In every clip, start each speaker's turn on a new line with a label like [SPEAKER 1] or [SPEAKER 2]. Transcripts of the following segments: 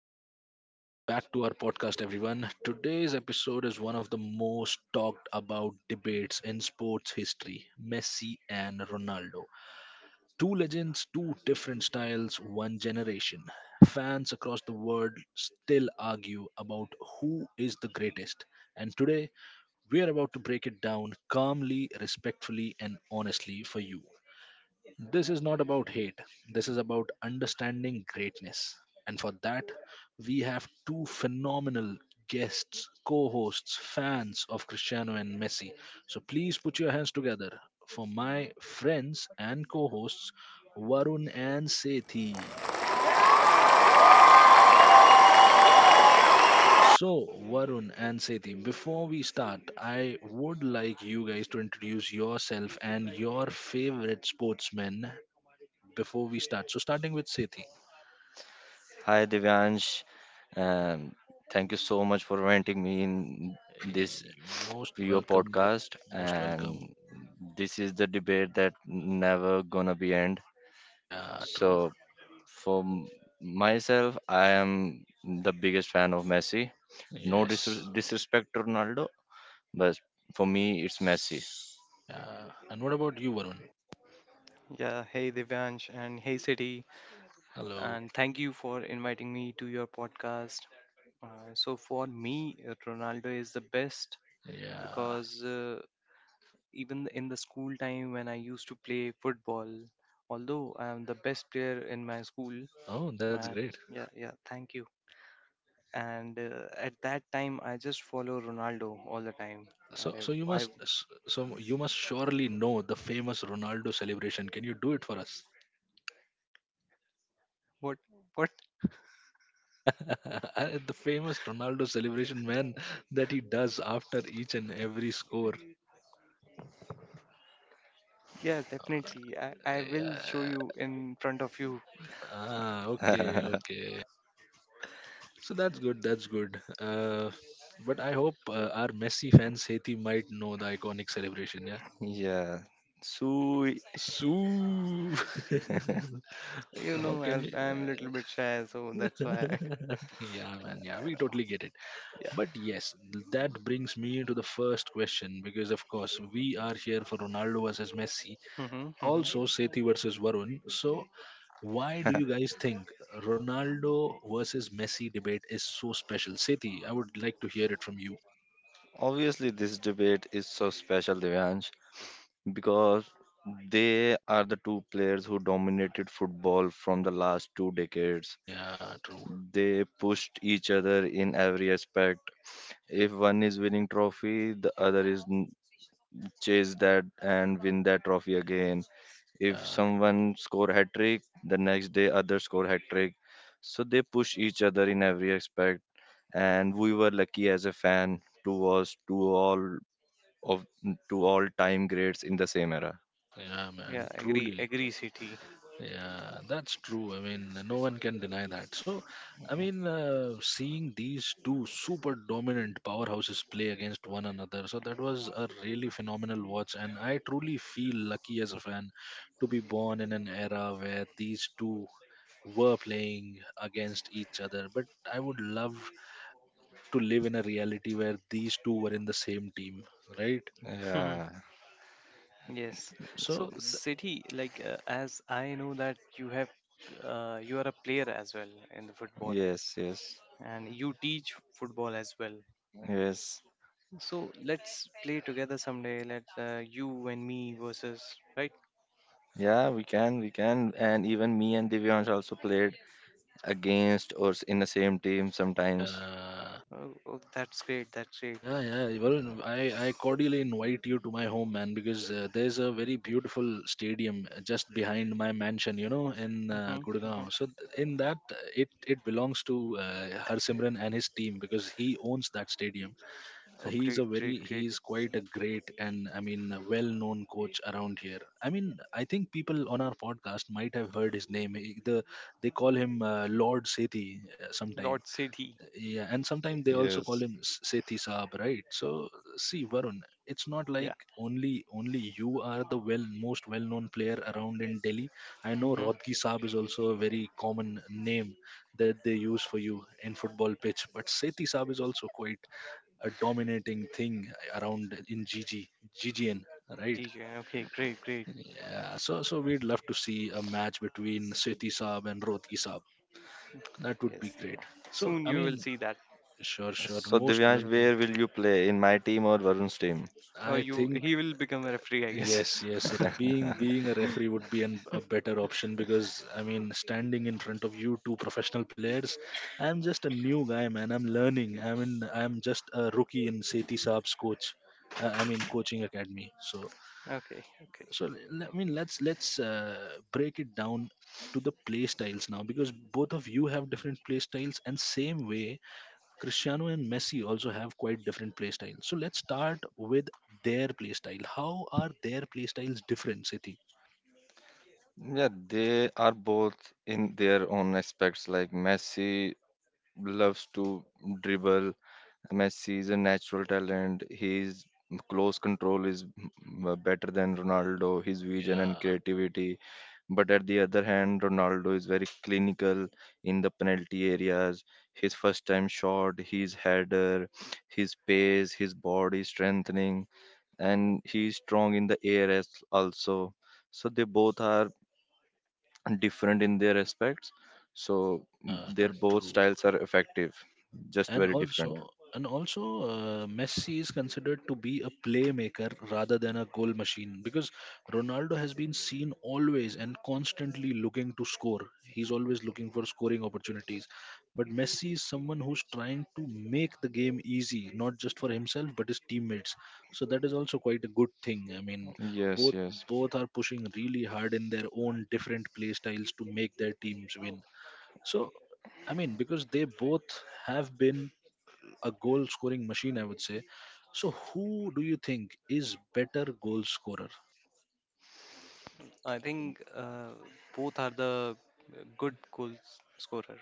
[SPEAKER 1] hello and welcome back to our podcast, everyone. Today's episode is one of the most talked about debates in sports history, Messi and Ronaldo. Two legends, two different styles, one generation. Fans across the world still argue about who is the greatest. And today, we are about to break it down calmly, respectfully, and honestly for you. This is not about hate. This is about understanding greatness. And for that, we have two phenomenal guests, co hosts, fans of Cristiano and Messi. So please put your hands together for my friends and co hosts, Varun and Sethi. So, Varun and Sethi, before we start, I would like you guys to introduce yourself and your favorite sportsmen before we start. So, starting with Sethi.
[SPEAKER 2] Hi Divyansh, um, thank you so much for inviting me in this
[SPEAKER 1] Eh, most
[SPEAKER 2] to your
[SPEAKER 1] welcome,
[SPEAKER 2] podcast.
[SPEAKER 1] most welcome.
[SPEAKER 2] And this is the debate that never gonna be end.
[SPEAKER 1] Yeah,
[SPEAKER 2] So
[SPEAKER 1] true.
[SPEAKER 2] for myself, I am the biggest fan of Messi. No
[SPEAKER 1] Yes.
[SPEAKER 2] disrespect to Ronaldo, but for me, it's Messi.
[SPEAKER 1] Yeah. And what about you, Varun?
[SPEAKER 3] Yeah, Hey Divyansh and hey City,
[SPEAKER 1] Hello.
[SPEAKER 3] and thank you for inviting me to your podcast. So for me, Ronaldo is the best
[SPEAKER 1] Yeah.
[SPEAKER 3] because even in the school time when I used to play football, although I am the best player in my school,
[SPEAKER 1] Oh, that's
[SPEAKER 3] uh,
[SPEAKER 1] great.
[SPEAKER 3] yeah, yeah, thank you. And at that time, I just follow Ronaldo all the time.
[SPEAKER 1] So, so you must,
[SPEAKER 3] I
[SPEAKER 1] s- so you must surely know the famous Ronaldo celebration. Can you do it for us?
[SPEAKER 3] what what?
[SPEAKER 1] The famous Ronaldo celebration, man, that he does after each and every score.
[SPEAKER 3] Yeah, definitely. I will show
[SPEAKER 1] Yeah.
[SPEAKER 3] you in front of you.
[SPEAKER 1] Ah, okay, okay. So that's good. That's good. But I hope our Messi fan Sethi might know the iconic celebration. Yeah.
[SPEAKER 2] Yeah. So
[SPEAKER 1] So
[SPEAKER 3] You
[SPEAKER 1] how
[SPEAKER 3] know,
[SPEAKER 1] can you?
[SPEAKER 3] I'm a little bit shy, so that's why
[SPEAKER 1] Yeah, man. Yeah,
[SPEAKER 3] I
[SPEAKER 1] we
[SPEAKER 3] know.
[SPEAKER 1] totally get it. But yes, that brings me to the first question because of course we are here for Ronaldo versus Messi,
[SPEAKER 3] Yeah. Hmm, hmm.
[SPEAKER 1] also Sethi versus Varun. So why do you guys think Ronaldo versus Messi debate is so special? Sethi, I would like to hear it from you.
[SPEAKER 2] obviously, this debate is so special, Divyansh, because they are the two players who dominated football from the last two decades.
[SPEAKER 1] Yeah, true.
[SPEAKER 2] They pushed each other in every aspect. If one is winning trophy, the other is chase that and win that trophy again. If
[SPEAKER 1] Yeah,
[SPEAKER 2] someone score hat trick, the next day other score hat trick. So they push each other in every aspect, and we were lucky as a fan to watch of two all time greats in the same era.
[SPEAKER 1] yeah, man,
[SPEAKER 3] Yeah. Agree.
[SPEAKER 1] truly.
[SPEAKER 3] Agree. City.
[SPEAKER 1] Yeah, that's true. I mean, no one can deny that. So, I mean, seeing these two super dominant powerhouses play against one another, so that was a really phenomenal watch. And I truly feel lucky as a fan to be born in an era where these two were playing against each other. But I would love to live in a reality where these two were in the same team, right?
[SPEAKER 2] Yeah,
[SPEAKER 3] Yes.
[SPEAKER 1] So,
[SPEAKER 3] So, City, like as I know that you have, you are a player as well in the football,
[SPEAKER 2] yes, yes,
[SPEAKER 3] and you teach football as well.
[SPEAKER 2] yes.
[SPEAKER 3] So let's play together someday. Let's you and me versus, right?
[SPEAKER 2] Yeah, we can, we can. And even me and Divyansh also played against or in the same team sometimes.
[SPEAKER 1] yeah.
[SPEAKER 3] Oh, oh, that's great. That's great.
[SPEAKER 1] Yeah, yeah. Well, I cordially invite you to my home, man, because there's a very beautiful stadium just behind my mansion, you know, in
[SPEAKER 3] Mm-hmm, mm-hmm.
[SPEAKER 1] Gurgaon. So in that, it belongs to Harsimran and his team because he owns that stadium. So
[SPEAKER 3] Oh,
[SPEAKER 1] he's
[SPEAKER 3] great,
[SPEAKER 1] a
[SPEAKER 3] great,
[SPEAKER 1] very,
[SPEAKER 3] great.
[SPEAKER 1] he's quite a great and, I mean, a well-known coach around here. I mean, I think people on our podcast might have heard his name. They call him Lord Sethi sometime,
[SPEAKER 3] Lord City.
[SPEAKER 1] yeah, and sometimes they also call him Sethi Saab, right? So see, Varun, it's not
[SPEAKER 3] Yeah.
[SPEAKER 1] like only you are the most well known player around in Delhi. I know
[SPEAKER 3] Mm-hmm.
[SPEAKER 1] Rodgi Saab is also a very common name that they use for you in football pitch, but Sethi Saab is also quite a dominating thing around in gg GGN, right?
[SPEAKER 3] DJ. Okay, great, great.
[SPEAKER 1] Yeah, so so we'd love to see a match between Sethi Saab and Rodgi Saab. That would be
[SPEAKER 3] Yes.
[SPEAKER 1] great. So
[SPEAKER 3] Soon
[SPEAKER 1] I
[SPEAKER 3] you will
[SPEAKER 1] mean,
[SPEAKER 3] see that.
[SPEAKER 1] sure, sure.
[SPEAKER 2] So,
[SPEAKER 1] Most
[SPEAKER 2] Divyansh,
[SPEAKER 1] welcome.
[SPEAKER 2] where will you play? In my team or Varun's team?
[SPEAKER 3] Or
[SPEAKER 1] I
[SPEAKER 3] you
[SPEAKER 1] think
[SPEAKER 3] he will become a referee, I guess.
[SPEAKER 1] yes, yes. re- Being being a referee would be an, a better option because I mean, standing in front of you two professional players, I'm just a new guy, man. I'm learning. I mean, I'm just a rookie in Sethi Saab's coach. I mean, coaching academy. So,
[SPEAKER 3] Okay, okay.
[SPEAKER 1] so I mean, let's break it down to the play styles now because both of you have different play styles and same way Cristiano and Messi also have quite different play styles. So let's start with their play style. How are their play styles different, Siti?
[SPEAKER 2] Yeah, they are both in their own aspects. Like Messi loves to dribble. Messi is a natural talent. His close control is better than Ronaldo. His vision and
[SPEAKER 1] Yeah,
[SPEAKER 2] creativity. But at the other hand, Ronaldo is very clinical in the penalty areas. His first time shot, his header, his pace, his body strengthening, and he is strong in the air as also. So they both are different in their aspects. So
[SPEAKER 1] yeah,
[SPEAKER 2] their both
[SPEAKER 1] true.
[SPEAKER 2] styles are effective, just
[SPEAKER 1] And
[SPEAKER 2] very different.
[SPEAKER 1] also, and also Messi is considered to be a playmaker rather than a goal machine because Ronaldo has been seen always and constantly looking to score. He's always looking for scoring opportunities, but Messi is someone who's trying to make the game easy, not just for himself but his teammates. So that is also quite a good thing. I mean,
[SPEAKER 2] Yes,
[SPEAKER 1] both
[SPEAKER 2] yes.
[SPEAKER 1] both are pushing really hard in their own different play styles to make their teams win. So I mean, because they both have been a goal scoring machine, I would say. So, who do you think is better goal scorer?
[SPEAKER 3] I think both are the good goal scorer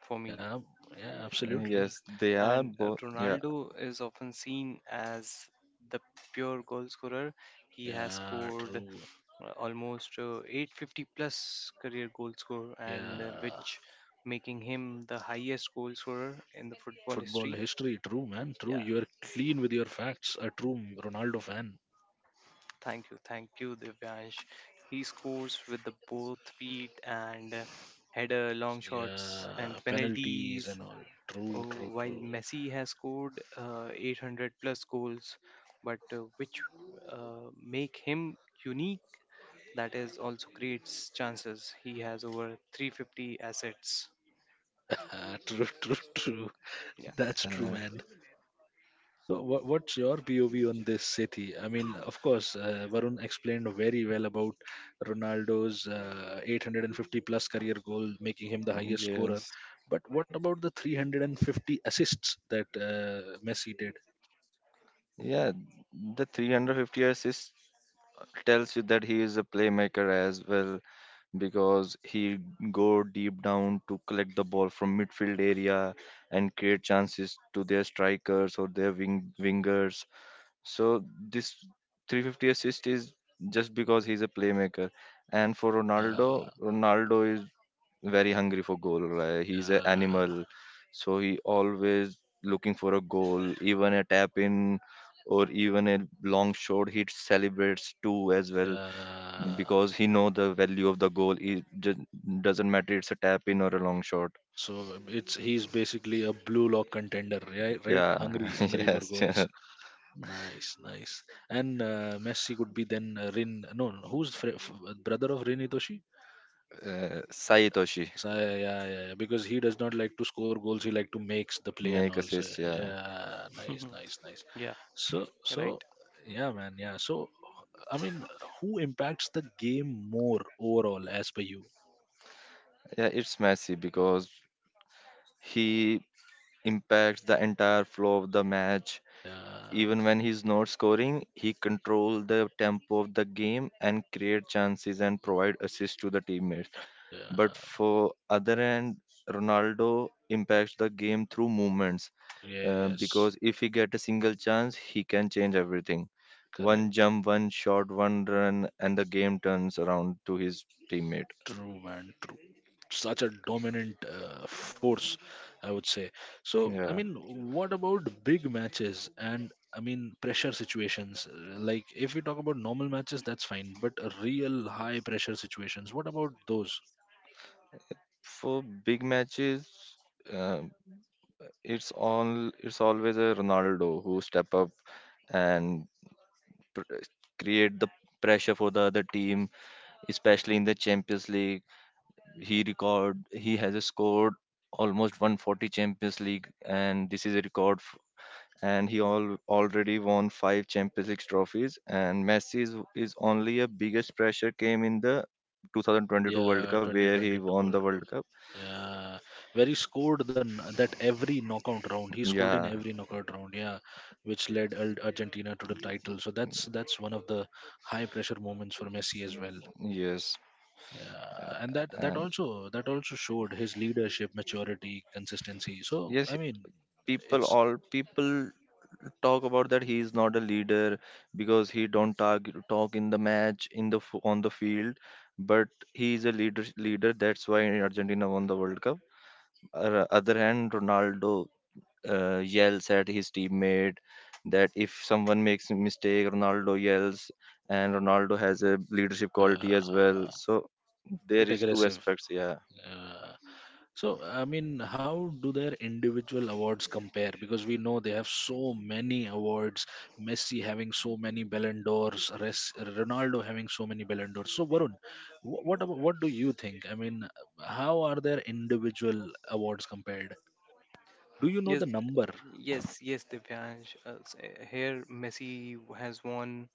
[SPEAKER 3] for me.
[SPEAKER 1] Yeah, yeah, absolutely.
[SPEAKER 2] Yes, they are
[SPEAKER 3] And
[SPEAKER 2] both. Yeah,
[SPEAKER 3] Ronaldo is often seen as the pure goal scorer. He has
[SPEAKER 1] Yeah,
[SPEAKER 3] scored
[SPEAKER 1] true.
[SPEAKER 3] almost 850 plus career goal score and
[SPEAKER 1] Yeah,
[SPEAKER 3] which making him the highest goal scorer in the
[SPEAKER 1] in
[SPEAKER 3] football
[SPEAKER 1] football
[SPEAKER 3] history.
[SPEAKER 1] history, true, man, true.
[SPEAKER 3] Yeah.
[SPEAKER 1] You are clean with your facts. A true Ronaldo fan.
[SPEAKER 3] Thank you, Divyansh. He scores with the both feet and header, long
[SPEAKER 1] Yes,
[SPEAKER 3] shots, and
[SPEAKER 1] yeah, penalties and
[SPEAKER 3] penalties.
[SPEAKER 1] all. True,
[SPEAKER 3] Oh,
[SPEAKER 1] true,
[SPEAKER 3] while
[SPEAKER 1] true.
[SPEAKER 3] Messi has scored 800 plus goals, but which make him unique, that is also creates chances. He has over 350 assets.
[SPEAKER 1] True, true, true.
[SPEAKER 3] Yeah.
[SPEAKER 1] That's true,
[SPEAKER 2] uh,
[SPEAKER 1] man. So, what's your POV on this, Sethi? I mean, of course, Varun explained very well about Ronaldo's 850 plus career goal, making him the highest scorer.
[SPEAKER 2] yes,
[SPEAKER 1] But what about the 350 assists that Messi did?
[SPEAKER 2] yeah. The 350 assist tells you that he is a playmaker as well because he go deep down to collect the ball from midfield area and create chances to their strikers or their wingers. So this 350 assist is just because he's a playmaker. And for Ronaldo,
[SPEAKER 1] Yeah,
[SPEAKER 2] Ronaldo very hungry for goal. Like, he's an
[SPEAKER 1] yeah,
[SPEAKER 2] animal, so he always looking for a goal, even a tap in or even a long shot. He celebrates too as well
[SPEAKER 1] yeah.
[SPEAKER 2] because he know the value of the goal. It just doesn't matter it's a tap in or a long shot.
[SPEAKER 1] So it's, he's basically a blue lock contender, right? Right?
[SPEAKER 2] Yeah,
[SPEAKER 1] Hungry, hungry for
[SPEAKER 2] yes. Yeah.
[SPEAKER 1] goals. Nice, nice. And Messi would be then Rin. No, no, who's brother of Rin Itoshi?
[SPEAKER 2] Saitoshi
[SPEAKER 1] So, yeah, yeah, yeah, yeah. Because he does not like to score goals. He like to makes the play and
[SPEAKER 2] make
[SPEAKER 1] also.
[SPEAKER 2] assist. Yeah,
[SPEAKER 1] Yeah, nice, nice, nice.
[SPEAKER 3] Yeah,
[SPEAKER 1] So, so
[SPEAKER 3] right.
[SPEAKER 1] yeah, man, yeah. So, I mean, who impacts the game more overall as per you?
[SPEAKER 2] yeah. It's Messi because he impacts the entire flow of the match.
[SPEAKER 1] Yeah,
[SPEAKER 2] Even when he's not scoring, he control the tempo of the game and create chances and provide assists to the teammates. But
[SPEAKER 1] yeah,
[SPEAKER 2] for other end, Ronaldo impacts the game through movements,
[SPEAKER 1] yes,
[SPEAKER 2] because if he get a single chance, he can change everything. One
[SPEAKER 1] correct.
[SPEAKER 2] jump, one shot, one run, and the game turns around to his teammate.
[SPEAKER 1] True, man. True. Such a dominant force, I would say. So, I
[SPEAKER 2] Yeah,
[SPEAKER 1] mean, what about big matches and I mean pressure situations? Like, if we talk about normal matches, that's fine. But real high pressure situations, what about those?
[SPEAKER 2] for big matches, um it's always a Ronaldo who step up and pr- create the pressure for the other team, especially in the Champions League. He has scored almost 140 Champions League, and this is a record. And he all already won five Champions League trophies. And Messi is only a biggest pressure came in the 2022 World
[SPEAKER 1] Yeah,
[SPEAKER 2] Cup where he
[SPEAKER 1] 2022
[SPEAKER 2] won the
[SPEAKER 1] World
[SPEAKER 2] World
[SPEAKER 1] Cup.
[SPEAKER 2] Cup.
[SPEAKER 1] Yeah, where he scored the that every knockout round. He scored in
[SPEAKER 2] Yeah,
[SPEAKER 1] every knockout round. Yeah, which led Argentina to the title. So that's one of the high pressure moments for Messi as well.
[SPEAKER 2] yes,
[SPEAKER 1] Yeah, and that, that
[SPEAKER 2] and
[SPEAKER 1] also, that also showed his leadership maturity consistency. So I
[SPEAKER 2] yes,
[SPEAKER 1] mean, it's
[SPEAKER 2] people talk about that he is not a leader because he don't talk in the match in the on the field, but he is a leader. That's why Argentina won the World Cup. Other hand, Ronaldo yells at his teammate that if someone makes a mistake, Ronaldo yells, and Ronaldo has a leadership quality as well.
[SPEAKER 1] uh,
[SPEAKER 2] So
[SPEAKER 1] quite
[SPEAKER 2] there is two
[SPEAKER 1] aggressive.
[SPEAKER 2] aspects. Yeah.
[SPEAKER 1] uh, so I mean, how do their individual awards compare? Because we know they have so many awards, Messi having so many Ballon d'Ors, Ronaldo having so many Ballon d'Ors. So, Varun, what about, what do you think? I mean, how are their individual awards compared? Do you know the
[SPEAKER 3] Yes,
[SPEAKER 1] number?
[SPEAKER 3] yes, yes, Divyansh. Here, Messi has won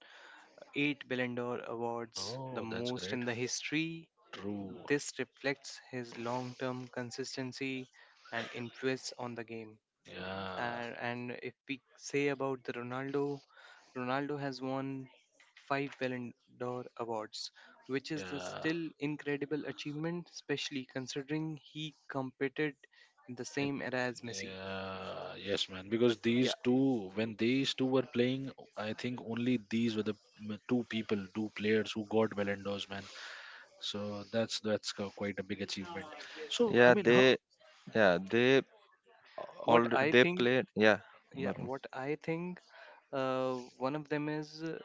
[SPEAKER 3] eight Ballon d'Or awards, the
[SPEAKER 1] Oh, that's
[SPEAKER 3] most
[SPEAKER 1] great.
[SPEAKER 3] in the history.
[SPEAKER 1] True.
[SPEAKER 3] This reflects his long term consistency and influence on the game.
[SPEAKER 1] Yeah.
[SPEAKER 3] And if we say about the Ronaldo, Ronaldo has won five Ballon d'Or awards, which is the
[SPEAKER 1] Yeah.
[SPEAKER 3] still incredible achievement, especially considering he competed in the same
[SPEAKER 1] And
[SPEAKER 3] era as Messi.
[SPEAKER 1] yeah, yes, man. Because
[SPEAKER 3] Yeah,
[SPEAKER 1] these two, when these two were playing, I think only these were the two people, two players who got Ballon d'Ors, man. So that's quite a big achievement. So I
[SPEAKER 2] yeah
[SPEAKER 1] mean, how?
[SPEAKER 2] they yeah they all
[SPEAKER 3] what I
[SPEAKER 2] they
[SPEAKER 3] think,
[SPEAKER 2] played. Yeah.
[SPEAKER 3] yeah, what I think one of them is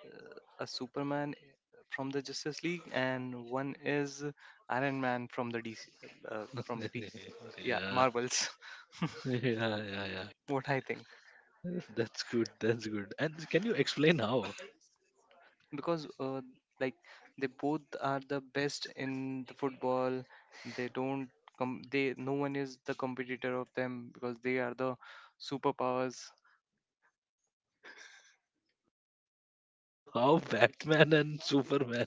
[SPEAKER 3] a Superman from the Justice League, and one is Iron Man from the DC, uh, from D, yeah,
[SPEAKER 1] Yeah,
[SPEAKER 3] Marvels.
[SPEAKER 1] yeah, yeah, yeah.
[SPEAKER 3] what I think,
[SPEAKER 1] That's good. That's good. And can you explain how?
[SPEAKER 3] because like they both are the best in the football. They don't come. They No one is the competitor of them because they are the superpowers.
[SPEAKER 1] So how Batman and Superman?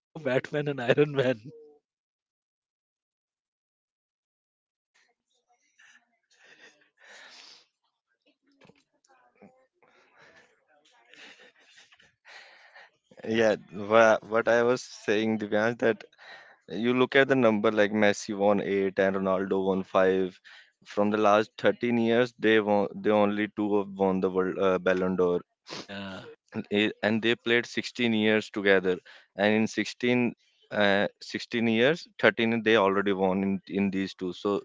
[SPEAKER 1] How Batman and Iron Man?
[SPEAKER 2] Yeah, What I was saying, Divyansh, that you look at the number like Messi won eight and Ronaldo won five. From the last 13 years, they only two have won the world Ballon d'Or,
[SPEAKER 1] Yeah.
[SPEAKER 2] and and they played 16 years together. And in 16 years, 13 they already won in these two. So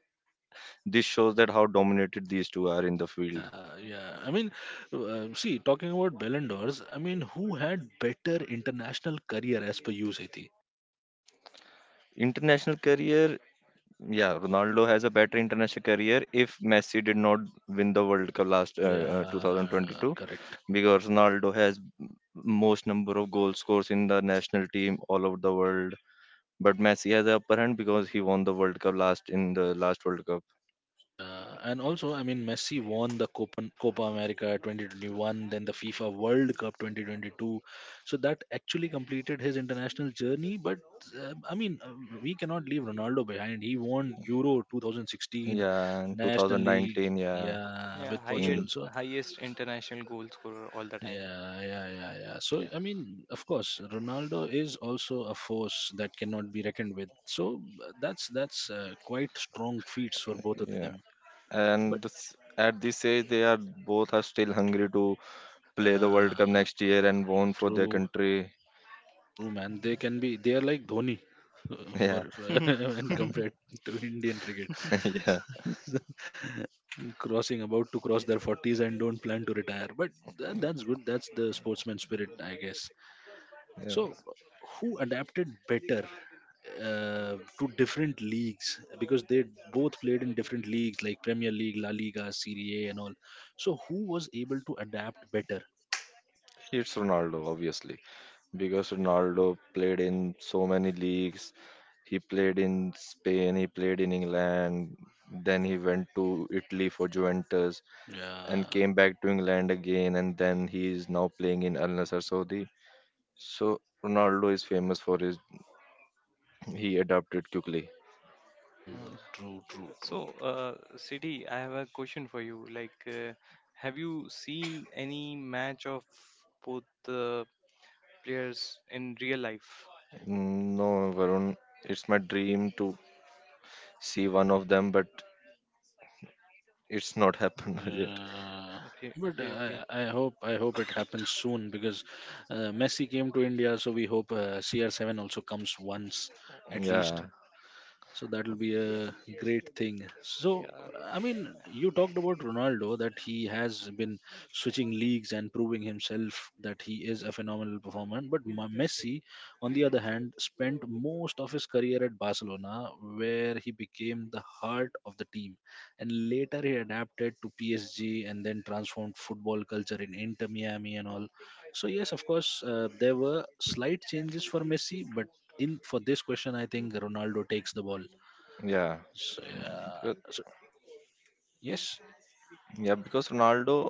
[SPEAKER 2] this shows that how dominated these two are in the field.
[SPEAKER 1] Yeah, yeah. I mean, see, talking about Ballon d'Ors, I mean, who had better international career as per you, Sethi?
[SPEAKER 2] International career. Yeah, Ronaldo has a better international career if Messi did not win the World Cup last
[SPEAKER 1] Yeah,
[SPEAKER 2] 2022
[SPEAKER 1] correct.
[SPEAKER 2] because Ronaldo has most number of goal scores in the national team all over the world. But Messi has the upper hand because he won the World Cup last in the last World Cup.
[SPEAKER 1] Yeah, and also, I mean, Messi won the Copa, Copa America 2021, then the FIFA World Cup 2022. So that actually completed his international journey. But uh, I mean, uh, we cannot leave Ronaldo behind. He won Euro 2016,
[SPEAKER 2] Yeah, in
[SPEAKER 1] National League,
[SPEAKER 2] 2019. Yeah,
[SPEAKER 1] yeah, with
[SPEAKER 3] Yeah,
[SPEAKER 1] Portugal.
[SPEAKER 2] in
[SPEAKER 3] highest
[SPEAKER 1] So
[SPEAKER 3] highest international goal scorer all the time.
[SPEAKER 1] yeah, yeah, yeah, yeah. So,
[SPEAKER 3] Yeah.
[SPEAKER 1] I mean, of course, Ronaldo is also a force that cannot be reckoned with. So that's quite strong feats for both of
[SPEAKER 2] yeah,
[SPEAKER 1] them. But
[SPEAKER 2] and at this age they are both are still hungry to play the World Cup
[SPEAKER 1] yeah,
[SPEAKER 2] next year and won for their
[SPEAKER 1] true,
[SPEAKER 2] country.
[SPEAKER 1] true, man. They can be. They are like Dhoni,
[SPEAKER 2] Yeah,
[SPEAKER 1] for when compared to Indian cricket, crossing about to cross their forties and don't plan to retire. But that, that's good. That's the sportsman spirit, I guess.
[SPEAKER 2] yeah.
[SPEAKER 1] So, who adapted better to different leagues? Because they both played in different leagues like Premier League, La Liga, Serie A, and all. So, who was able to adapt better?
[SPEAKER 2] It's Ronaldo, obviously, because Ronaldo played in so many leagues. He played in Spain, he played in England, then he went to Italy for Juventus and
[SPEAKER 1] Yeah,
[SPEAKER 2] came back to England again, and then he is now playing in Al Nassr Saudi. So Ronaldo is famous for his he adapted quickly.
[SPEAKER 1] mm, true, true, true.
[SPEAKER 3] So, Siddhi, I have a question for you. Like, have you seen any match of both the players in real life?
[SPEAKER 2] No, Varun, it's my dream to see one of them, but it's not happened.
[SPEAKER 1] Uh,
[SPEAKER 3] Okay,
[SPEAKER 1] but
[SPEAKER 3] okay, okay.
[SPEAKER 1] I hope, I hope it happens soon because Messi came to India, so we hope CR7 also comes once at least.
[SPEAKER 2] Yeah,
[SPEAKER 1] So that will be a great thing. So
[SPEAKER 3] Yeah.
[SPEAKER 1] I mean, you talked about Ronaldo that he has been switching leagues and proving himself that he is a phenomenal performer, but Messi on the other hand spent most of his career at Barcelona, where he became the heart of the team, and later he adapted to PSG and then transformed football culture in Inter Miami and all. So yes, of course, there were slight changes for Messi, but in, for this question, I think Ronaldo takes the ball.
[SPEAKER 2] yeah,
[SPEAKER 1] So, yeah.
[SPEAKER 2] because,
[SPEAKER 1] So, yes,
[SPEAKER 2] Ronaldo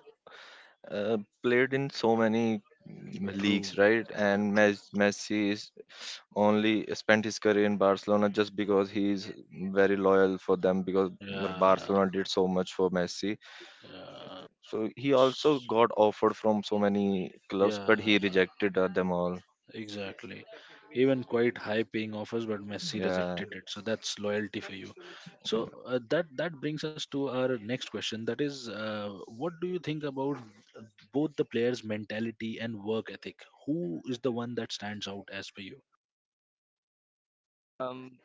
[SPEAKER 2] uh, played in so many
[SPEAKER 1] true,
[SPEAKER 2] leagues, right?
[SPEAKER 1] true,
[SPEAKER 2] And
[SPEAKER 1] true.
[SPEAKER 2] Messi is only spent his career in Barcelona just because he's very loyal for them because
[SPEAKER 1] Yeah,
[SPEAKER 2] Barcelona did so much for Messi. So he also got offered from so many clubs, but
[SPEAKER 1] yeah,
[SPEAKER 2] he rejected them all.
[SPEAKER 1] exactly. Even quite high-paying offers, but Messi
[SPEAKER 2] Yeah.
[SPEAKER 1] rejected it. So that's loyalty for you. So that, that brings us to our next question. That is, what do you think about both the players' mentality and work ethic? Who is the one that stands out as for you?
[SPEAKER 3] Um,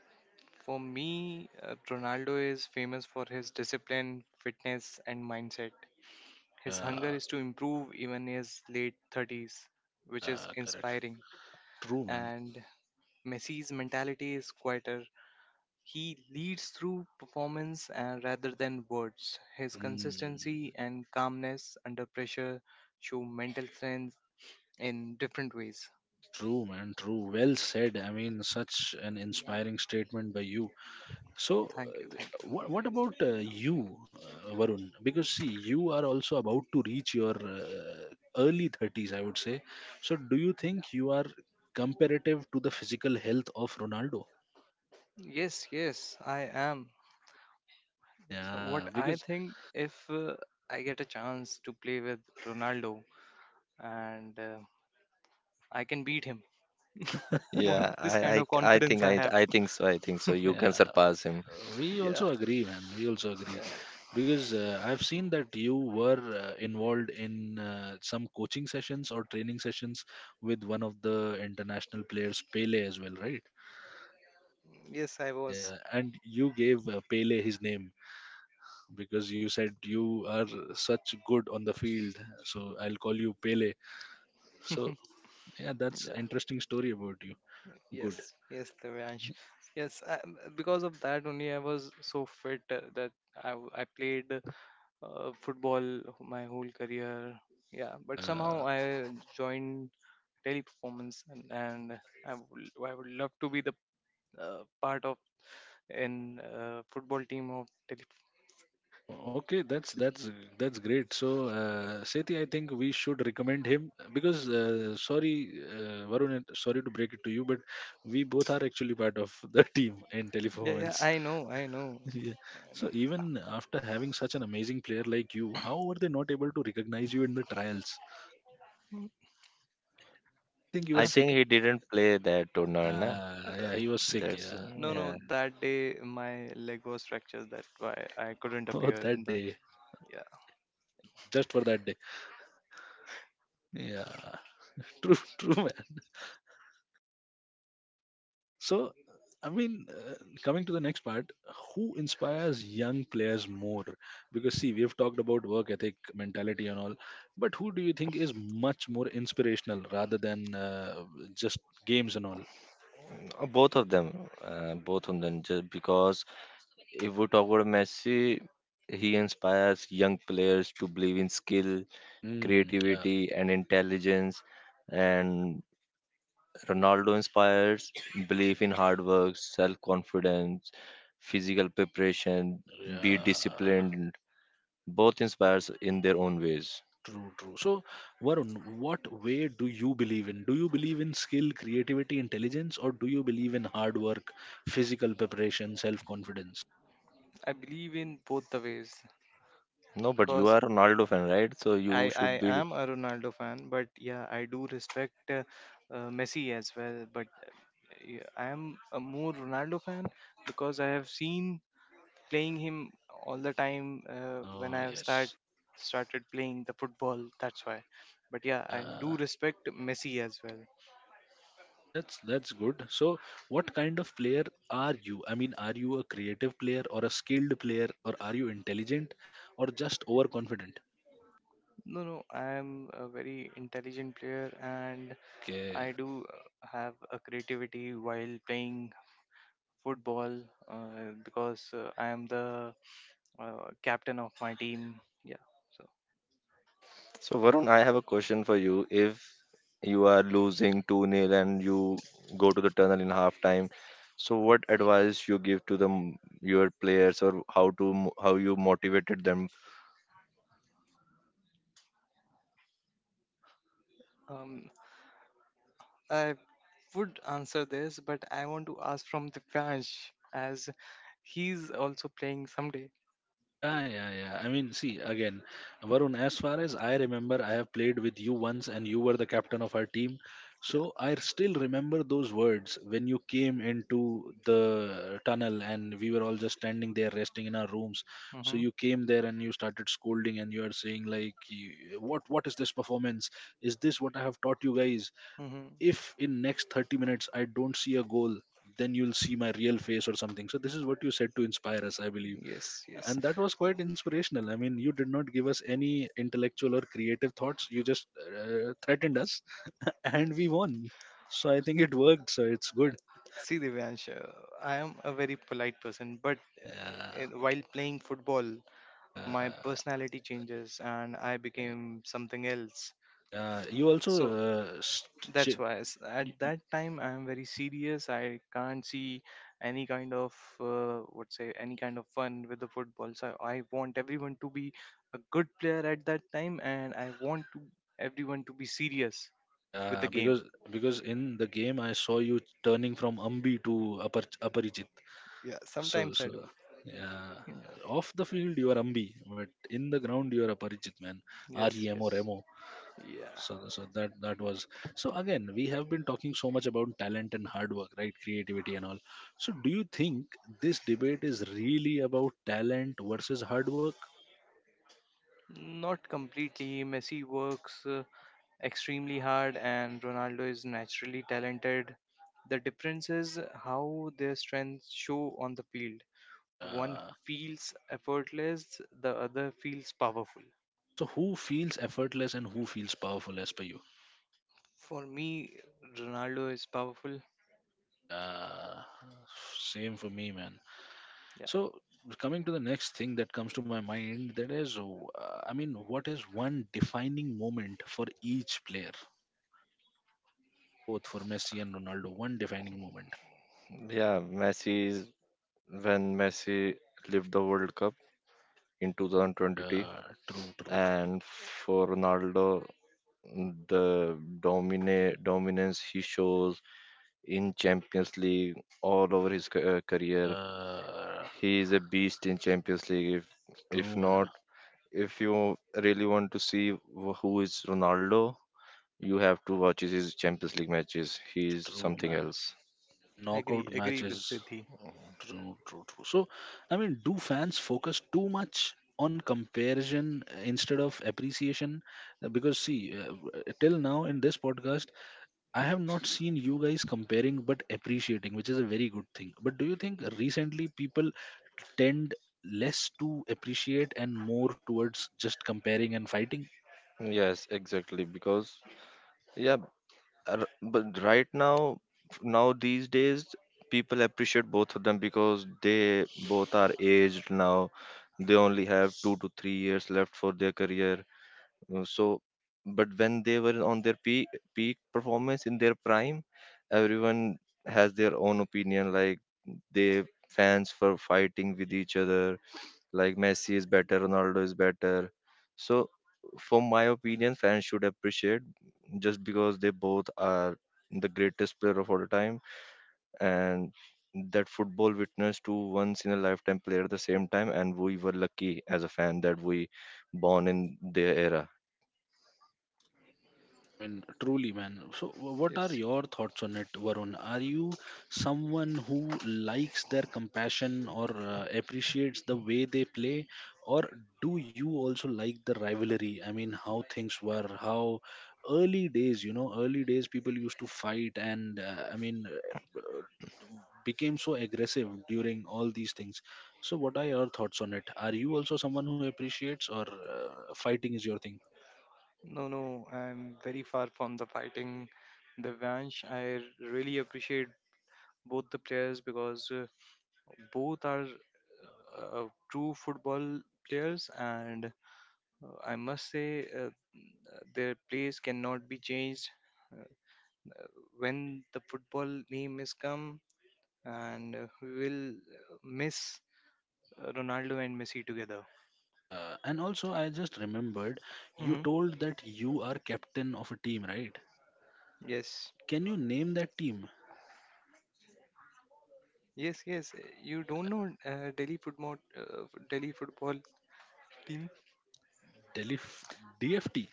[SPEAKER 3] for me, Ronaldo is famous for his discipline, fitness, and mindset. His hunger
[SPEAKER 1] Yeah,
[SPEAKER 3] is to improve even in his late 30s, which is
[SPEAKER 1] yeah, correct.
[SPEAKER 3] inspiring.
[SPEAKER 1] True, man.
[SPEAKER 3] And Messi's mentality is quieter. He leads through performance and rather than words. His consistency
[SPEAKER 1] Mm,
[SPEAKER 3] and calmness under pressure show mental strength in different ways.
[SPEAKER 1] true, man, true. Well said. I mean, such an
[SPEAKER 3] Yeah.
[SPEAKER 1] inspiring statement by you. So,
[SPEAKER 3] Thank you. Thank
[SPEAKER 1] what about you, Varun? Because, see, you are also about to reach your early 30s, I would say. So, do you think you are comparative to the physical health of Ronaldo?
[SPEAKER 3] you. Yes, yes, I am. So
[SPEAKER 1] Yeah,
[SPEAKER 3] what
[SPEAKER 1] because,
[SPEAKER 3] I think if I get a chance to play with Ronaldo and I can beat him. What
[SPEAKER 2] Yeah,
[SPEAKER 3] this
[SPEAKER 2] I,
[SPEAKER 3] kind
[SPEAKER 2] I,
[SPEAKER 3] of
[SPEAKER 2] I think
[SPEAKER 3] confidence I
[SPEAKER 2] I,
[SPEAKER 3] have.
[SPEAKER 2] I think so. I think so. You can
[SPEAKER 1] yeah,
[SPEAKER 2] surpass him.
[SPEAKER 1] We
[SPEAKER 3] Yeah,
[SPEAKER 1] also agree, man, we also agree
[SPEAKER 3] yeah.
[SPEAKER 1] because I've seen that you were involved in some coaching sessions or training sessions with one of the international players, Pele, as well, right?
[SPEAKER 3] Yes, I was.
[SPEAKER 1] Yeah, and you gave Pele his name because you said you are such good on the field, so I'll call you Pele. So yeah, that's
[SPEAKER 3] Yeah.
[SPEAKER 1] interesting story about you. Good.
[SPEAKER 3] Yes, yes, Divyansh. Yes, because of that only I was so fit that I played football my whole career. Yeah, but
[SPEAKER 1] Yeah.
[SPEAKER 3] somehow I joined teleperformance and I would love to be the part of in football team of tele.
[SPEAKER 1] Oh, okay. That's that's great. So, Sethi, I think we should recommend him because sorry, Varun, and sorry to break it to you, but we both are actually part of the team in
[SPEAKER 3] Yeah, yeah,
[SPEAKER 1] teleperformance.
[SPEAKER 3] I know, I know,
[SPEAKER 1] Yeah.
[SPEAKER 3] I
[SPEAKER 1] So
[SPEAKER 3] know. Yeah.
[SPEAKER 1] even after having such an amazing player like you, how were they not able to recognize you in the trials?
[SPEAKER 3] Mm.
[SPEAKER 1] I think you were
[SPEAKER 2] I think
[SPEAKER 1] sick.
[SPEAKER 2] he didn't play that tournament. Na?
[SPEAKER 1] Yeah, yeah, he was sick.
[SPEAKER 2] That's
[SPEAKER 1] Yeah.
[SPEAKER 3] No, no,
[SPEAKER 2] yeah.
[SPEAKER 3] that day my leg was fractured. That's why I couldn't
[SPEAKER 1] Oh,
[SPEAKER 3] appear in
[SPEAKER 1] that
[SPEAKER 3] the.
[SPEAKER 1] day.
[SPEAKER 3] Yeah,
[SPEAKER 1] Okay, just for that day. Yeah. True, true, man. So, I mean, coming to the next part, who inspires young players more? Because, see, we have talked about work ethic, mentality, and all, but who do you think is much more inspirational rather than just games and all?
[SPEAKER 2] Both of them. Just because if we talk about Messi, he inspires young players to believe in skill,
[SPEAKER 1] Hmm. Yeah,
[SPEAKER 2] creativity, and intelligence. And Ronaldo inspires belief in hard work, self-confidence, physical preparation, be
[SPEAKER 1] yeah,
[SPEAKER 2] disciplined. Both inspires in their own ways.
[SPEAKER 1] true, true. So, Varun, what way do you believe in? Do you believe in skill, creativity, intelligence, or do you believe in hard work, physical preparation, self confidence?
[SPEAKER 3] I believe in both the ways
[SPEAKER 2] No, but you
[SPEAKER 3] because
[SPEAKER 2] are a Ronaldo fan, right? So you
[SPEAKER 3] I,
[SPEAKER 2] should
[SPEAKER 3] I
[SPEAKER 2] be.
[SPEAKER 3] am a Ronaldo fan, but yeah, I do respect Messi as well. But yeah, I am a more Ronaldo fan because I have seen playing him all the time when I
[SPEAKER 1] Oh,
[SPEAKER 3] have
[SPEAKER 1] yes.
[SPEAKER 3] started playing the football. That's why. But yeah, I do
[SPEAKER 1] Yeah.
[SPEAKER 3] respect Messi as well.
[SPEAKER 1] That's good. So, what kind of player are you? I mean, are you a creative player or a skilled player or are you intelligent or just overconfident?
[SPEAKER 3] No, no, I am a very intelligent player and
[SPEAKER 1] Okay.
[SPEAKER 3] I do have a creativity while playing football because I am the captain of my team. Yeah. So
[SPEAKER 2] So Varun, I have a question for you. If you are losing 2 nil and you go to the tunnel in half time, so what advice you give to them your players or how to how you motivated them?
[SPEAKER 3] um, I would answer this, but I want to ask from Divyansh as he's also playing someday.
[SPEAKER 1] Yeah, yeah, yeah. I mean, see, again, Varun, as far as I remember, I have played with you once and you were the captain of our team.
[SPEAKER 3] Yeah.
[SPEAKER 1] So I still remember those words when you came into the tunnel and we were all just standing there resting in our rooms. So
[SPEAKER 3] Mm-hmm.
[SPEAKER 1] you came there and you started scolding and you are saying like, "You- "What is this performance? Is this what I have taught you guys?
[SPEAKER 3] Mm-hmm.
[SPEAKER 1] If in next 30 minutes I don't see a goal, then you'll see my real face or something." So this is what you said to inspire us, I believe,
[SPEAKER 3] Yes. Yes.
[SPEAKER 1] and that was quite inspirational. I mean, you did not give us any intellectual or creative thoughts, you just threatened us and we won. So I think it worked, so it's good.
[SPEAKER 3] See, Divyansh, I am a very polite person, but uh,
[SPEAKER 1] Yeah,
[SPEAKER 3] while playing football, my
[SPEAKER 1] yeah,
[SPEAKER 3] personality changes and I became something else.
[SPEAKER 1] yeah, you also
[SPEAKER 3] So
[SPEAKER 1] uh, st-
[SPEAKER 3] that's
[SPEAKER 1] ch-
[SPEAKER 3] why,
[SPEAKER 1] y-
[SPEAKER 3] at
[SPEAKER 1] y-
[SPEAKER 3] that time I am very serious. I can't see any kind of any kind of fun with the football. So I want everyone to be a good player at that time, and I want to everyone to be serious with the
[SPEAKER 1] yeah,
[SPEAKER 3] game.
[SPEAKER 1] because in the game I saw you turning from Ambi to Aparijit.
[SPEAKER 3] Yeah,
[SPEAKER 1] so
[SPEAKER 3] sometimes I
[SPEAKER 1] so
[SPEAKER 3] do.
[SPEAKER 1] yeah,
[SPEAKER 3] Yeah.
[SPEAKER 1] off the field you are Ambi, but in the ground you are Aparijit, man.
[SPEAKER 3] Yes.
[SPEAKER 1] Rem or M
[SPEAKER 3] Yes.
[SPEAKER 1] O.
[SPEAKER 3] Yeah.
[SPEAKER 1] So that that was. So again, we have been talking so much about talent and hard work, right? Creativity and all. So do you think this debate is really about talent versus hard work?
[SPEAKER 3] Not completely. Messi works extremely hard, and Ronaldo is naturally talented. The difference is how their strengths show on the field. One
[SPEAKER 1] Yeah.
[SPEAKER 3] feels effortless, the other feels powerful.
[SPEAKER 1] So who feels effortless and who feels powerful as per you?
[SPEAKER 3] For me, Ronaldo is powerful.
[SPEAKER 1] Yeah, same for me, man.
[SPEAKER 3] Yeah,
[SPEAKER 1] So coming to the next thing that comes to my mind, that is, I mean, what is one defining moment for each player, both for Messi and Ronaldo? One defining moment.
[SPEAKER 2] Yeah, Messi is when Messi lived the World Cup in 2020,
[SPEAKER 1] Yeah, true, true, true.
[SPEAKER 2] and for Ronaldo the domine dominance he shows in Champions League all over his career.
[SPEAKER 1] Yeah,
[SPEAKER 2] He is a beast in Champions League. If
[SPEAKER 1] true,
[SPEAKER 2] not,
[SPEAKER 1] man.
[SPEAKER 2] if you really want to see who is Ronaldo, you have to watch his Champions League matches. He is
[SPEAKER 1] True,
[SPEAKER 2] something
[SPEAKER 1] man.
[SPEAKER 2] else.
[SPEAKER 1] In
[SPEAKER 3] agree,
[SPEAKER 1] knockout
[SPEAKER 3] agree with
[SPEAKER 1] matches,
[SPEAKER 3] Siddhi.
[SPEAKER 1] true, true, true. So, I mean, do fans focus too much on comparison instead of appreciation? Because, see, till now in this podcast, I have not seen you guys comparing but appreciating, which is a very good thing. But do you think recently people tend less to appreciate and more towards just comparing and fighting?
[SPEAKER 2] Yes, exactly. Because yeah, but right now, these days, people appreciate both of them because they both are aged now. They only have 2 to 3 years left for their career. So, but when they were on their peak performance in their prime, everyone has their own opinion. Like they fans for fighting with each other. Like Messi is better, Ronaldo is better. So, from my opinion, fans should appreciate just because they both are the greatest player of all time, and that football witnessed to once in a lifetime player at the same time, and we were lucky as a fan that we born in their era.
[SPEAKER 1] I mean, truly, man. So, what are
[SPEAKER 3] Yes.
[SPEAKER 1] your thoughts on it, Varun? Are you someone who likes their compassion or appreciates the way they play, or do you also like the rivalry? I mean, how things were, how early days, you know, early days people used to fight, and I mean, became so aggressive during all these things. So, what are your thoughts on it? Are you also someone who appreciates, or fighting is your thing?
[SPEAKER 3] No, no, I'm very far from the fighting, the Vanch. I really appreciate both the players because both are uh, true football players, and I must say their plays cannot be changed when the football name is come. And we will miss Ronaldo and Messi together.
[SPEAKER 1] Yeah, and also I just remembered you
[SPEAKER 3] Hmm.
[SPEAKER 1] told that you are captain of a team, right?
[SPEAKER 3] Yes,
[SPEAKER 1] Can you name that team?
[SPEAKER 3] yes, yes. You don't know Delhi football team?
[SPEAKER 1] Delif DFT.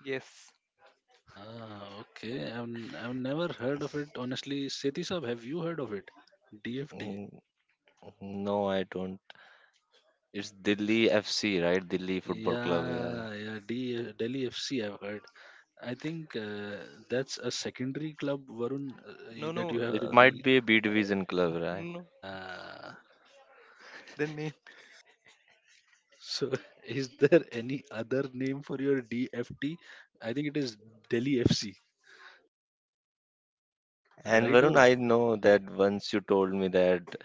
[SPEAKER 3] Yes.
[SPEAKER 1] Ah, okay. I've never heard of it. Honestly, Sethi Saab, have you heard of it? DFT.
[SPEAKER 2] Mm, no, I don't. It's
[SPEAKER 1] Oh,
[SPEAKER 2] Delhi FC, right? Delhi Football Club, yeah.
[SPEAKER 1] yeah, yeah, D, Delhi FC, I've heard. I think that's a secondary club, Varun,
[SPEAKER 3] No, no,
[SPEAKER 1] that you have
[SPEAKER 2] It
[SPEAKER 1] been
[SPEAKER 2] might
[SPEAKER 1] playing.
[SPEAKER 2] be a B
[SPEAKER 3] uh,
[SPEAKER 2] division club, right?
[SPEAKER 3] no.
[SPEAKER 1] Yeah.
[SPEAKER 3] The name.
[SPEAKER 1] So, is there any other name for your DFT? I think it is Delhi FC,
[SPEAKER 2] And
[SPEAKER 1] right,
[SPEAKER 2] Varun,
[SPEAKER 1] Varun?
[SPEAKER 2] I know that once you told me that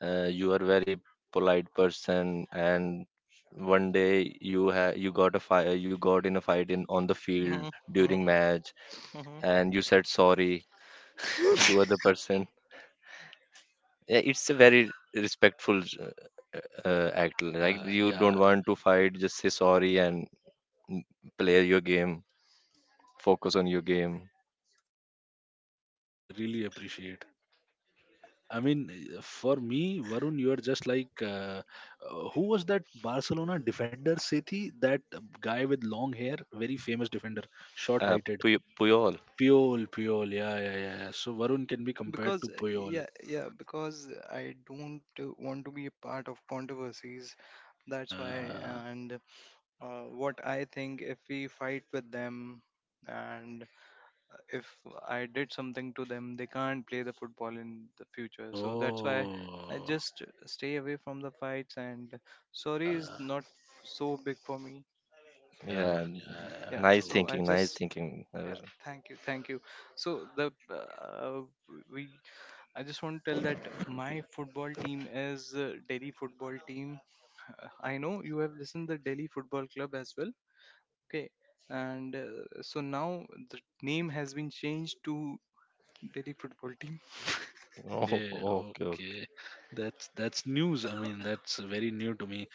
[SPEAKER 2] you are very polite person, and one day you got in a fight in on the field
[SPEAKER 3] Mhm,
[SPEAKER 2] during
[SPEAKER 3] mhm,
[SPEAKER 2] match,
[SPEAKER 3] mhm.
[SPEAKER 2] and you said sorry to other person. Yeah, it's a very respectful act, like
[SPEAKER 1] Yeah,
[SPEAKER 2] you don't
[SPEAKER 1] yeah,
[SPEAKER 2] want to fight, just say sorry and mm,
[SPEAKER 1] yeah,
[SPEAKER 2] play your
[SPEAKER 1] man.
[SPEAKER 2] game.
[SPEAKER 1] Such a
[SPEAKER 2] Focus on
[SPEAKER 1] humble,
[SPEAKER 2] your
[SPEAKER 1] ge-
[SPEAKER 2] game.
[SPEAKER 1] Such a humble gesture. I really appreciate. I mean, eh, for me, Varun, you are just like who was that Barcelona defender, Sethi? That guy with long hair, very famous defender, short-heighted.
[SPEAKER 2] Puyol.
[SPEAKER 1] Puyol, Puyol. Yeah, yeah, yeah, yeah. So Varun can be compared
[SPEAKER 3] Because
[SPEAKER 1] to Puyol.
[SPEAKER 3] yeah, yeah. Because I don't want to be a part of controversies. That's why.
[SPEAKER 1] Uh,
[SPEAKER 3] And what I think, if we fight with them, and if I did something to them, they can't play the football in the future. So that's why I
[SPEAKER 1] Oh,
[SPEAKER 3] just stay away from the fights. And sorry is
[SPEAKER 1] yeah,
[SPEAKER 3] not so big for me.
[SPEAKER 1] yeah,
[SPEAKER 2] Yeah,
[SPEAKER 1] man, yeah, yeah,
[SPEAKER 3] Yeah.
[SPEAKER 2] nice
[SPEAKER 1] true.
[SPEAKER 3] So I
[SPEAKER 2] thinking, nice
[SPEAKER 3] just
[SPEAKER 2] thinking.
[SPEAKER 3] yeah. Thank you. Thank you. So the we I just want to tell that my football team is Delhi football team. I know you have listened the Delhi Football Club as well.
[SPEAKER 1] Yeah.
[SPEAKER 3] Okay. And so now
[SPEAKER 2] Yeah.
[SPEAKER 3] the name has been changed to Delhi football team.
[SPEAKER 1] Okay,
[SPEAKER 2] Oh, okay, okay.
[SPEAKER 1] okay. That's news. I mean, that's very new to me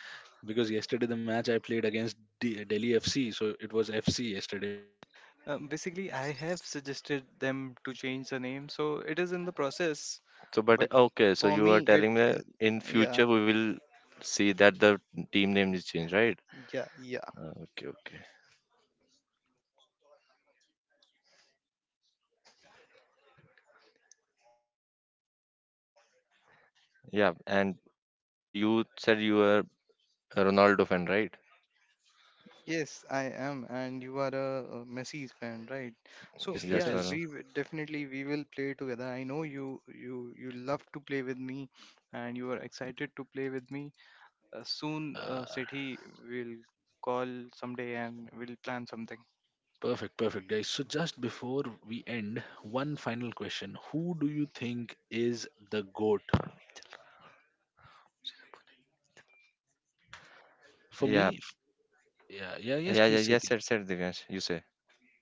[SPEAKER 1] because yesterday the match I played against Delhi FC, so it was FC yesterday, but today if you're saying it is
[SPEAKER 3] Basically, I have
[SPEAKER 1] FT.
[SPEAKER 3] suggested them to change the name,
[SPEAKER 1] Oh, okay,
[SPEAKER 3] so it
[SPEAKER 1] under
[SPEAKER 3] is in the
[SPEAKER 1] process.
[SPEAKER 3] process.
[SPEAKER 2] So, but
[SPEAKER 3] But
[SPEAKER 1] Ah, that's
[SPEAKER 2] okay,
[SPEAKER 1] good.
[SPEAKER 2] so
[SPEAKER 3] for
[SPEAKER 2] you are
[SPEAKER 3] me,
[SPEAKER 2] telling me in
[SPEAKER 3] yeah,
[SPEAKER 2] future we will see that the team name is changed, right?
[SPEAKER 3] yeah, yeah.
[SPEAKER 2] Okay, okay.
[SPEAKER 1] That's amazing. So, I mean, it was very nice talking to you guys. It was
[SPEAKER 2] Yeah,
[SPEAKER 1] genuine,
[SPEAKER 2] and
[SPEAKER 1] genuinely an
[SPEAKER 2] Varun,
[SPEAKER 1] honor
[SPEAKER 2] so
[SPEAKER 1] being
[SPEAKER 2] you
[SPEAKER 1] able to talk
[SPEAKER 2] said
[SPEAKER 1] to
[SPEAKER 2] you
[SPEAKER 1] you
[SPEAKER 2] were
[SPEAKER 1] guys. Such
[SPEAKER 2] a
[SPEAKER 1] a
[SPEAKER 2] Ronaldo
[SPEAKER 1] fun
[SPEAKER 2] fan,
[SPEAKER 1] and
[SPEAKER 2] right?
[SPEAKER 1] interactive session, I would say.
[SPEAKER 3] Yes, I am,
[SPEAKER 1] Just
[SPEAKER 3] and you are
[SPEAKER 1] one final thought
[SPEAKER 3] Messi's
[SPEAKER 1] that I
[SPEAKER 3] fan,
[SPEAKER 1] have
[SPEAKER 3] right?
[SPEAKER 1] for you
[SPEAKER 3] So
[SPEAKER 1] guys. That
[SPEAKER 2] Yes,
[SPEAKER 3] yeah,
[SPEAKER 1] is,
[SPEAKER 2] Varun.
[SPEAKER 3] definitely we will play together. I know you love to play with me, and you are excited to play with me. Soon,
[SPEAKER 1] yeah,
[SPEAKER 3] City will call someday, and we'll plan something.
[SPEAKER 1] perfect, perfect, guys. So, just before we end, one final question. Who do you think is the GOAT? For
[SPEAKER 2] Yeah,
[SPEAKER 1] me, yeah, yeah, yes,
[SPEAKER 2] yeah, yeah,
[SPEAKER 1] please,
[SPEAKER 2] yes,
[SPEAKER 1] Sethi.
[SPEAKER 2] sir, Divyansh, you say.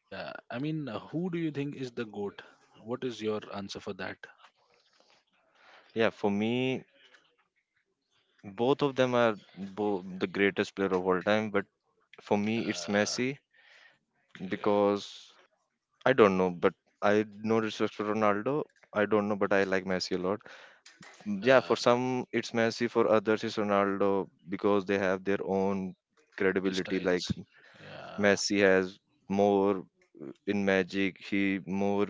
[SPEAKER 1] Yeah, I mean, who do you think is the GOAT? What is your answer for that?
[SPEAKER 2] Yeah, for me, both of them are bo the greatest player of all time, but for me, it's
[SPEAKER 1] Yeah,
[SPEAKER 2] Messi
[SPEAKER 1] okay.
[SPEAKER 2] because I don't know, but I no respect for Ronaldo. I don't know, but I like Messi a lot. Yeah, for
[SPEAKER 1] Yeah.
[SPEAKER 2] some it's Messi, for others it's Ronaldo because they have their own
[SPEAKER 1] Play
[SPEAKER 2] credibility. Like
[SPEAKER 1] styles, yeah.
[SPEAKER 2] Messi has more in magic, he more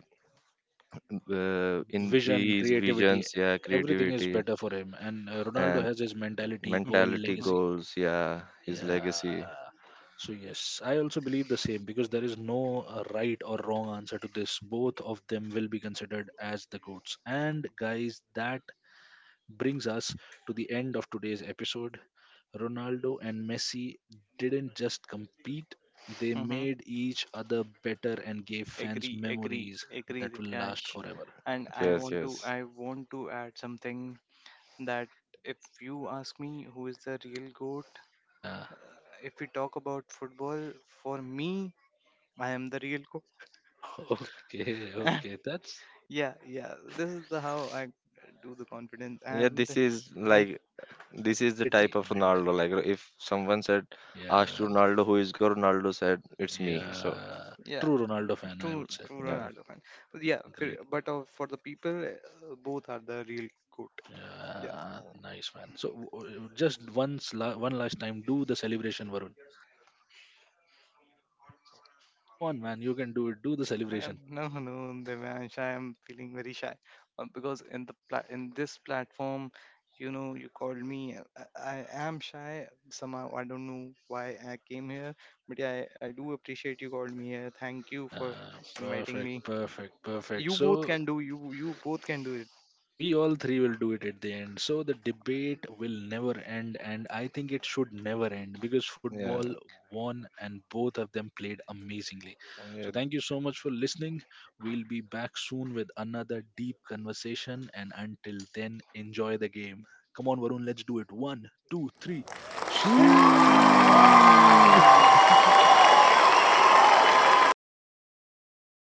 [SPEAKER 1] he-
[SPEAKER 2] in
[SPEAKER 1] Vision,
[SPEAKER 2] his
[SPEAKER 1] creativity,
[SPEAKER 2] visions, yeah,
[SPEAKER 1] everything is
[SPEAKER 2] creativity
[SPEAKER 1] better for him, and Ronaldo
[SPEAKER 2] and
[SPEAKER 1] has his mentality, goal,
[SPEAKER 2] mentality
[SPEAKER 3] Hmm,
[SPEAKER 1] legacy.
[SPEAKER 2] goals, yeah, his legacy.
[SPEAKER 1] Yeah. So yes, I also believe the same because there is no right or wrong answer to this. Both of them will be considered as the GOATs, and guys, that brings us to the end of today's episode. Ronaldo and Messi didn't just compete, they
[SPEAKER 3] hmm.
[SPEAKER 1] made each other better and gave fans
[SPEAKER 3] Agree, agree,
[SPEAKER 1] memories
[SPEAKER 3] agree,
[SPEAKER 1] that will last
[SPEAKER 3] Divyansh.
[SPEAKER 1] forever.
[SPEAKER 3] And
[SPEAKER 2] Yes,
[SPEAKER 1] Truly.
[SPEAKER 2] yes.
[SPEAKER 3] I want to add something that if you ask me who is the real goat,
[SPEAKER 1] Yeah.
[SPEAKER 3] if we talk about football, for me, I am the real goat.
[SPEAKER 1] Okay. Okay. That's
[SPEAKER 3] Yeah, yeah. This is the how I do the confidence
[SPEAKER 2] Yeah,
[SPEAKER 3] and and
[SPEAKER 2] this is the
[SPEAKER 1] mentality.
[SPEAKER 2] type of Ronaldo.
[SPEAKER 1] Mentality.
[SPEAKER 2] Like if someone asked
[SPEAKER 1] Yeah.
[SPEAKER 2] you Ronaldo who is good, Ronaldo said, it's me. So
[SPEAKER 1] Yeah.
[SPEAKER 3] yeah,
[SPEAKER 1] True Ronaldo fan, I
[SPEAKER 3] true
[SPEAKER 1] would say.
[SPEAKER 3] true
[SPEAKER 2] yeah,
[SPEAKER 3] Ronaldo fan. Yeah,
[SPEAKER 1] Great.
[SPEAKER 3] for the people, both are the real goat. Yeah.
[SPEAKER 1] Yeah. Nice, man. So, just once, one last time, do the celebration, Varun. Come on, man. You can do it. Do the celebration.
[SPEAKER 3] No, no, Devansh, I am feeling very shy because in this platform, you know, you called me. I am shy somehow. I don't know why I came here, but yeah, I do appreciate you called me here. Thank you for
[SPEAKER 1] Ah,
[SPEAKER 3] inviting
[SPEAKER 1] perfect,
[SPEAKER 3] me.
[SPEAKER 1] perfect, perfect.
[SPEAKER 3] You both
[SPEAKER 1] So
[SPEAKER 3] can do. You both can do
[SPEAKER 1] we all three will do it at the end. So the debate will never end, and I think it should never end because
[SPEAKER 2] yeah,
[SPEAKER 1] football won and both of them played amazingly. So
[SPEAKER 2] yeah.
[SPEAKER 1] thank you so much for listening. We'll be back soon with another deep conversation, and until then, enjoy the game. Come on, Varun, let's do it. One, two, three.
[SPEAKER 2] So
[SPEAKER 1] Sue!